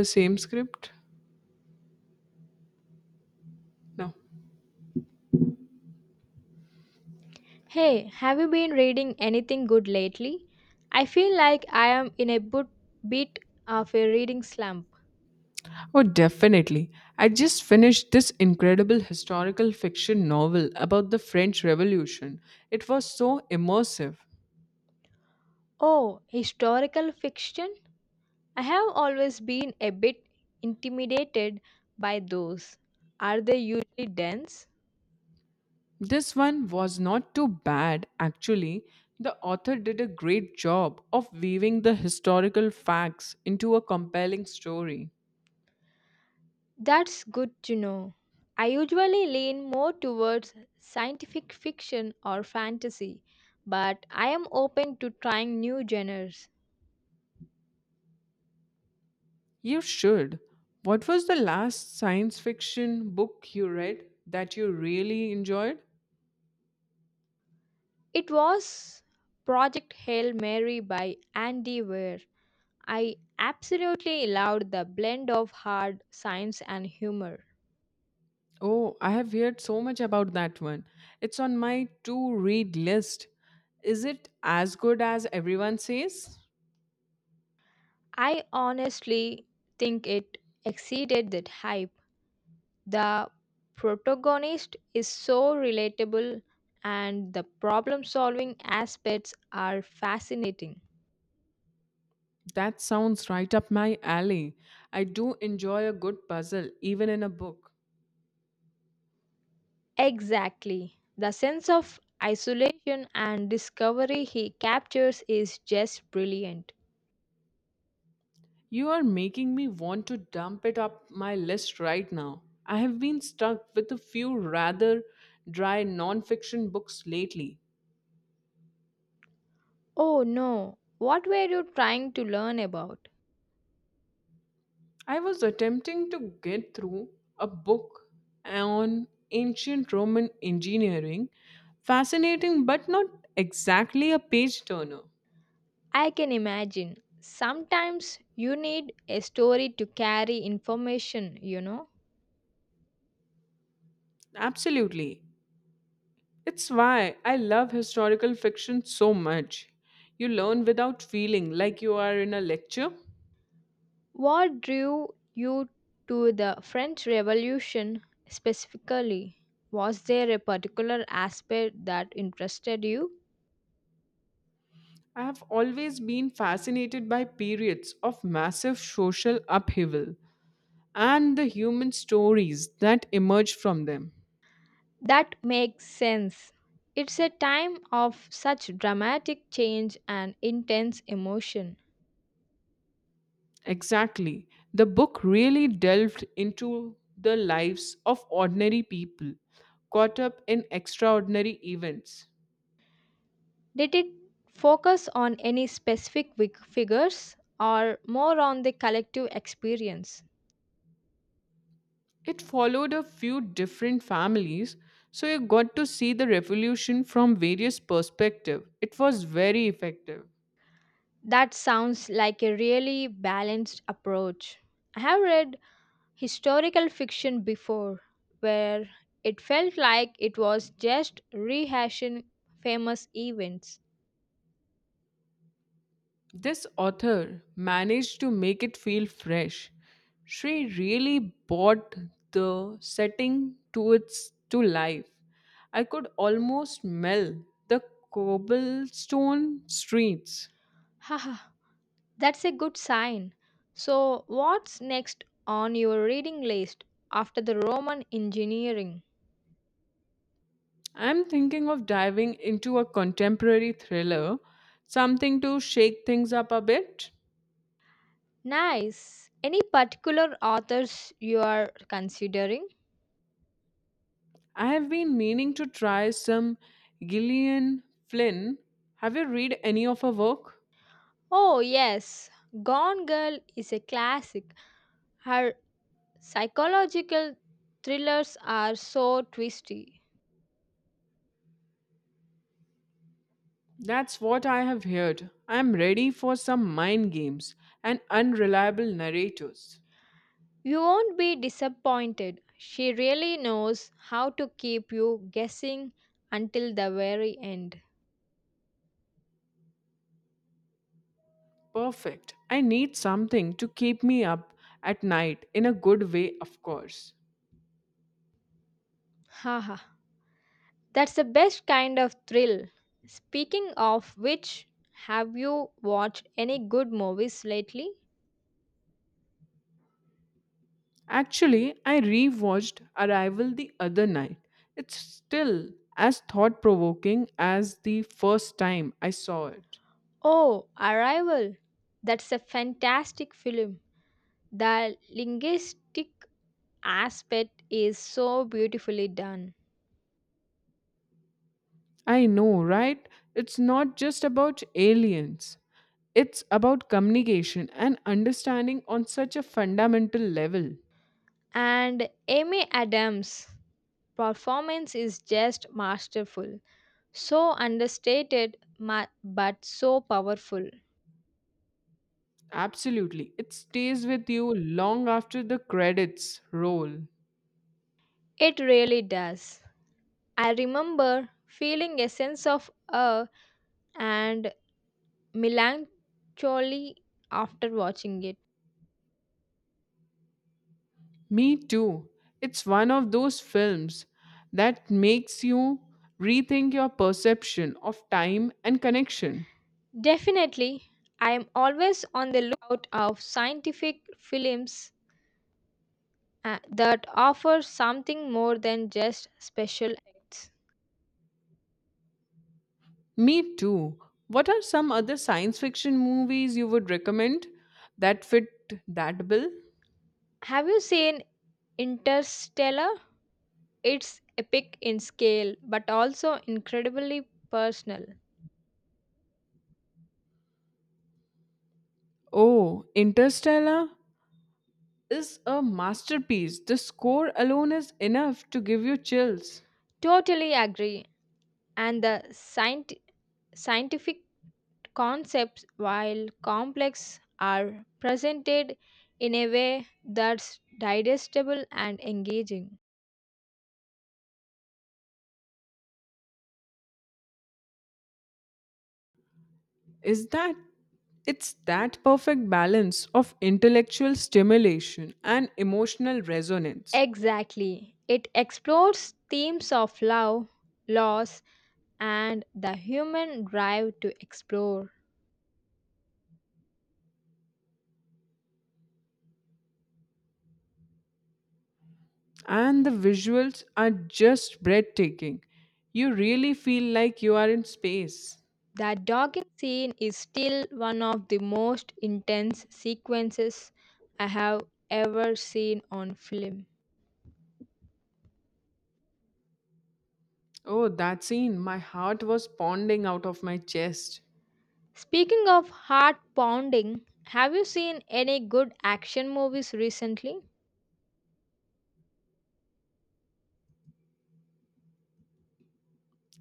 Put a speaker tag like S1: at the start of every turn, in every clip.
S1: The same script? No.
S2: Hey, have you been reading anything good lately? I feel like I am in a bit of a reading slump.
S1: Oh, definitely. I just finished this incredible historical fiction novel about the French Revolution. It was so immersive.
S2: Oh, historical fiction? I have always been a bit intimidated by those. Are they usually dense?
S1: This one was not too bad, actually. The author did a great job of weaving the historical facts into a compelling story.
S2: That's good to know. I usually lean more towards scientific fiction or fantasy, but I am open to trying new genres.
S1: You should. What was the last science fiction book you read that you really enjoyed?
S2: It was Project Hail Mary by Andy Weir. I absolutely loved the blend of hard science and humor.
S1: Oh, I have heard so much about that one. It's on my to read list. Is it as good as everyone says?
S2: I honestly think it exceeded that hype. The protagonist is so relatable and the problem solving aspects are fascinating.
S1: That sounds right up my alley. I do enjoy a good puzzle, even in a book.
S2: Exactly. The sense of isolation and discovery he captures is just brilliant.
S1: You are making me want to dump it up my list right now. I have been stuck with a few rather dry non fiction books lately.
S2: Oh no, what were you trying to learn about?
S1: I was attempting to get through a book on ancient Roman engineering. Fascinating, but not exactly a page turner.
S2: I can imagine. Sometimes you need a story to carry information.
S1: Absolutely. It's why I love historical fiction so much. You learn without feeling like you are in a lecture.
S2: What drew you to the French Revolution specifically? Was there a particular aspect that interested you?
S1: I have always been fascinated by periods of massive social upheaval and the human stories that emerge from them.
S2: That makes sense. It's a time of such dramatic change and intense emotion.
S1: Exactly. The book really delved into the lives of ordinary people caught up in extraordinary events.
S2: Did it focus on any figures or more on the collective experience?
S1: It followed a few different families, so you got to see the revolution from various perspectives. It was very effective.
S2: That sounds like a really balanced approach. I have read historical fiction before where it felt like it was just rehashing famous events.
S1: This author managed to make it feel fresh. She really brought the setting to life. I could almost smell the cobblestone streets.
S2: Haha, that's a good sign. So, what's next on your reading list after the Roman engineering?
S1: I'm thinking of diving into a contemporary thriller, something to shake things up a bit.
S2: Nice. Any particular authors you are considering?
S1: I have been meaning to try some Gillian Flynn. Have you read any of her work?
S2: Oh, yes. Gone Girl is a classic. Her psychological thrillers are so twisty.
S1: That's what I have heard. I'm ready for some mind games and unreliable narrators.
S2: You won't be disappointed. She really knows how to keep you guessing until the very end.
S1: Perfect. I need something to keep me up at night in a good way, of course.
S2: Haha. That's the best kind of thrill. Speaking of which, have you watched any good movies lately?
S1: Actually, I rewatched Arrival the other night. It's still as thought provoking as the first time I saw it.
S2: Oh, Arrival. That's a fantastic film. The linguistic aspect is so beautifully done.
S1: I know, right? It's not just about aliens. It's about communication and understanding on such a fundamental level.
S2: And Amy Adams' performance is just masterful. So understated but so powerful.
S1: Absolutely. It stays with you long after the credits roll.
S2: It really does. I remember feeling a sense of awe and melancholy after watching it.
S1: Me too. It's one of those films that makes you rethink your perception of time and connection.
S2: Definitely, I am always on the lookout of scientific films that offer something more than just special effects.
S1: Me too. What are some other science fiction movies you would recommend that fit that bill?
S2: Have you seen Interstellar? It's epic in scale but also incredibly personal.
S1: Oh, Interstellar is a masterpiece. The score alone is enough to give you chills.
S2: Totally agree. And the scientific concepts, while complex, are presented in a way that's digestible and engaging.
S1: Is that it's that perfect balance of intellectual stimulation and emotional resonance.
S2: Exactly. It explores themes of love, loss, and the human drive to explore.
S1: And the visuals are just breathtaking. You really feel like you are in space.
S2: The dogging scene is still one of the most intense sequences I have ever seen on film.
S1: Oh, that scene, my heart was pounding out of my chest.
S2: Speaking of heart pounding, have you seen any good action movies recently?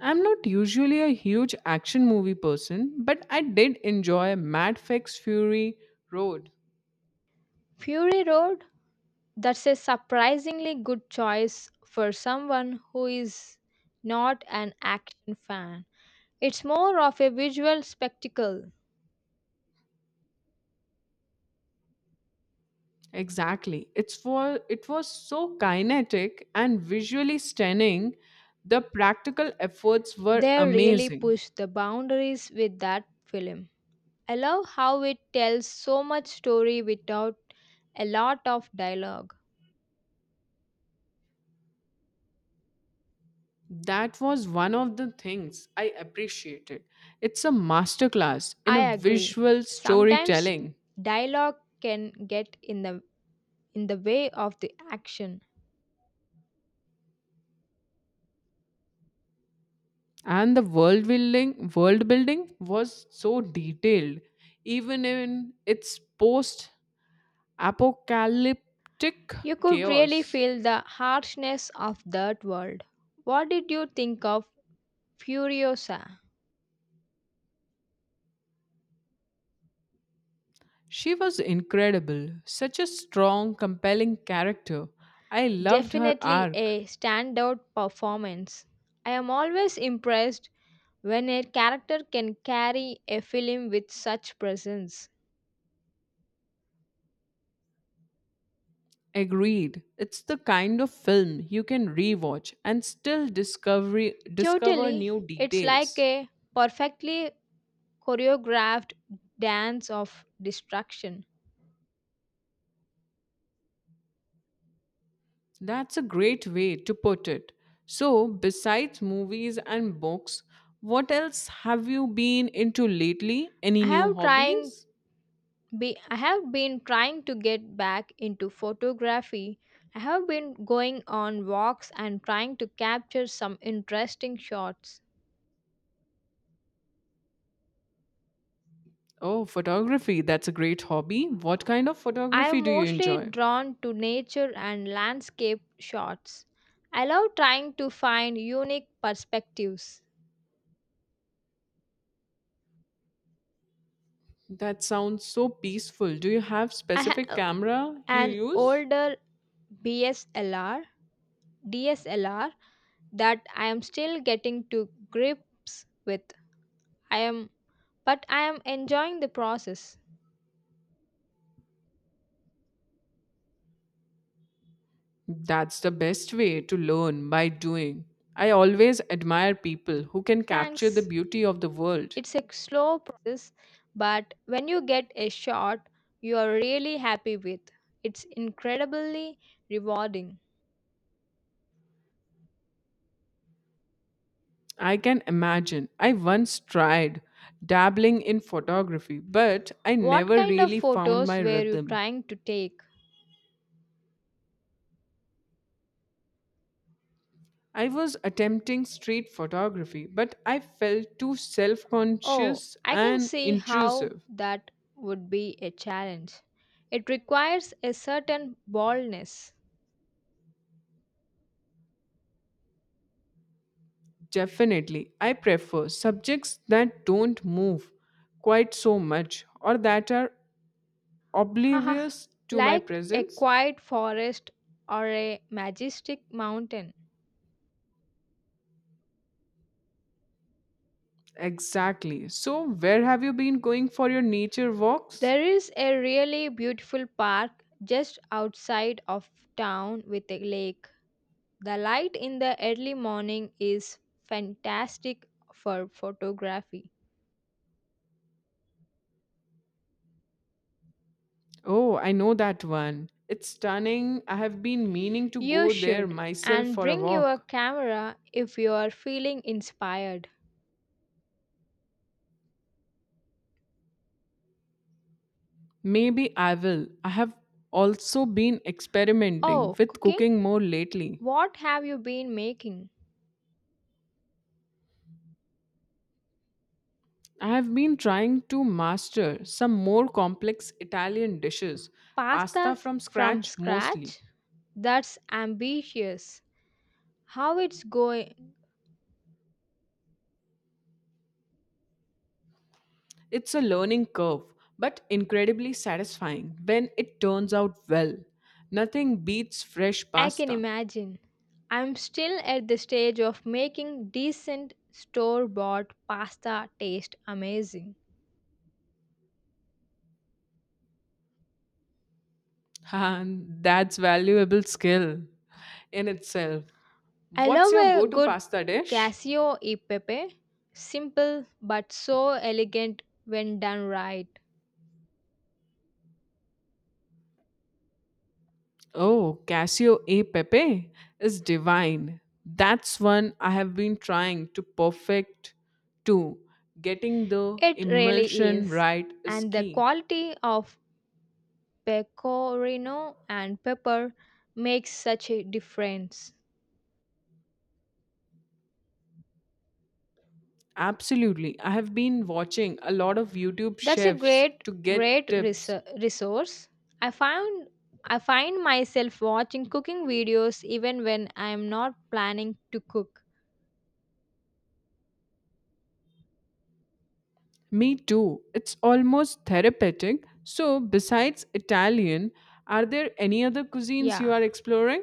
S1: I'm not usually a huge action movie person, but I did enjoy Mad Max Fury Road.
S2: Fury Road? That's a surprisingly good choice for someone who is not an action fan. It's more of a visual spectacle.
S1: Exactly. It was so kinetic and visually stunning. The practical efforts were
S2: They really
S1: amazing.
S2: pushed the boundaries with that film. I love how it tells so much story without a lot of dialogue.
S1: That was one of the things I appreciated. It's a masterclass in
S2: I
S1: a
S2: agree.
S1: visual
S2: Sometimes
S1: storytelling,
S2: dialogue can get in the way of the action.
S1: and the world building was so detailed even in its post apocalyptic
S2: You could really
S1: chaos.
S2: feel the harshness of that world. What did you think of Furiosa?
S1: She was incredible, such a strong, compelling character. I loved her
S2: Definitely
S1: arc.
S2: a standout performance. I am always impressed when a character can carry a film with such presence.
S1: Agreed. It's the kind of film you can rewatch and still discover
S2: Totally,
S1: new
S2: it's like
S1: details.
S2: a perfectly choreographed dance of destruction.
S1: That's a great way to put it. So, besides movies and books, what else have you been into lately? Any
S2: I
S1: new
S2: have trying
S1: hobbies?
S2: I have been trying to get back into photography. I have been going on walks and trying to capture some interesting shots.
S1: Oh, photography. That's a great hobby. What kind of
S2: I
S1: photography
S2: am
S1: do you
S2: mostly
S1: enjoy?
S2: drawn to nature and landscape shots. I love trying to find unique perspectives.
S1: That sounds so peaceful. Do you have
S2: I
S1: specific
S2: have
S1: camera you
S2: an
S1: use?
S2: older BSLR, DSLR that I am still getting to grips with. I am but I am enjoying the process.
S1: That's the best way to learn by doing. I always admire people who can capture the
S2: Thanks.
S1: beauty of the world.
S2: It's a slow process, but when you get a shot you are really happy with, it's incredibly rewarding.
S1: I can imagine. I once tried dabbling in photography, but I
S2: What
S1: never
S2: kind of
S1: really found
S2: photos
S1: my
S2: were you
S1: rhythm.
S2: trying to take?
S1: I was attempting street photography, but I felt too self
S2: Oh,
S1: conscious
S2: I can
S1: and
S2: see how
S1: intrusive.
S2: that would be a challenge. It requires a certain boldness.
S1: Definitely, I prefer subjects that don't move quite so much or that are
S2: Haha,
S1: oblivious to my
S2: like a
S1: presence.
S2: quiet forest or a majestic mountain.
S1: Exactly. So, where have you been going for your nature walks?
S2: There is a really beautiful park just outside of town with a lake. The light in the early morning is fantastic for photography.
S1: Oh, I know that one. It's stunning. I have been meaning to
S2: You
S1: go there
S2: should
S1: myself
S2: and
S1: for a
S2: bring your
S1: walk.
S2: camera if you are feeling inspired.
S1: Maybe I will. I have also been experimenting
S2: Oh,
S1: with
S2: cooking?
S1: cooking more lately.
S2: What have you been making?
S1: I have been trying to master some more complex Italian dishes, pasta
S2: Pastas
S1: from
S2: from
S1: scratch mostly.
S2: scratch? That's ambitious. How it's going?
S1: It's a learning curve, but incredibly satisfying when it turns out well. Nothing beats fresh
S2: I can
S1: pasta.
S2: imagine. I'm still at the stage of making decent store bought pasta taste amazing.
S1: And that's valuable skill in itself.
S2: I
S1: What's
S2: love
S1: your
S2: a
S1: go-to
S2: good
S1: pasta dish?
S2: casio e pepe. Simple but so elegant when done right.
S1: Oh, Casio A Pepe is divine. That's one I have been trying to perfect too. Getting the
S2: It really
S1: emulsion
S2: is.
S1: right is
S2: And the
S1: key.
S2: quality of pecorino and pepper makes such a difference.
S1: Absolutely. I have been watching a lot of YouTube
S2: That's a
S1: chefs
S2: great
S1: to
S2: great
S1: get tips.
S2: resou- resource. I found I find myself watching cooking videos even when I am not planning to cook.
S1: Me too. It's almost therapeutic. So, besides Italian, are there any other cuisines you are
S2: Yeah.
S1: exploring?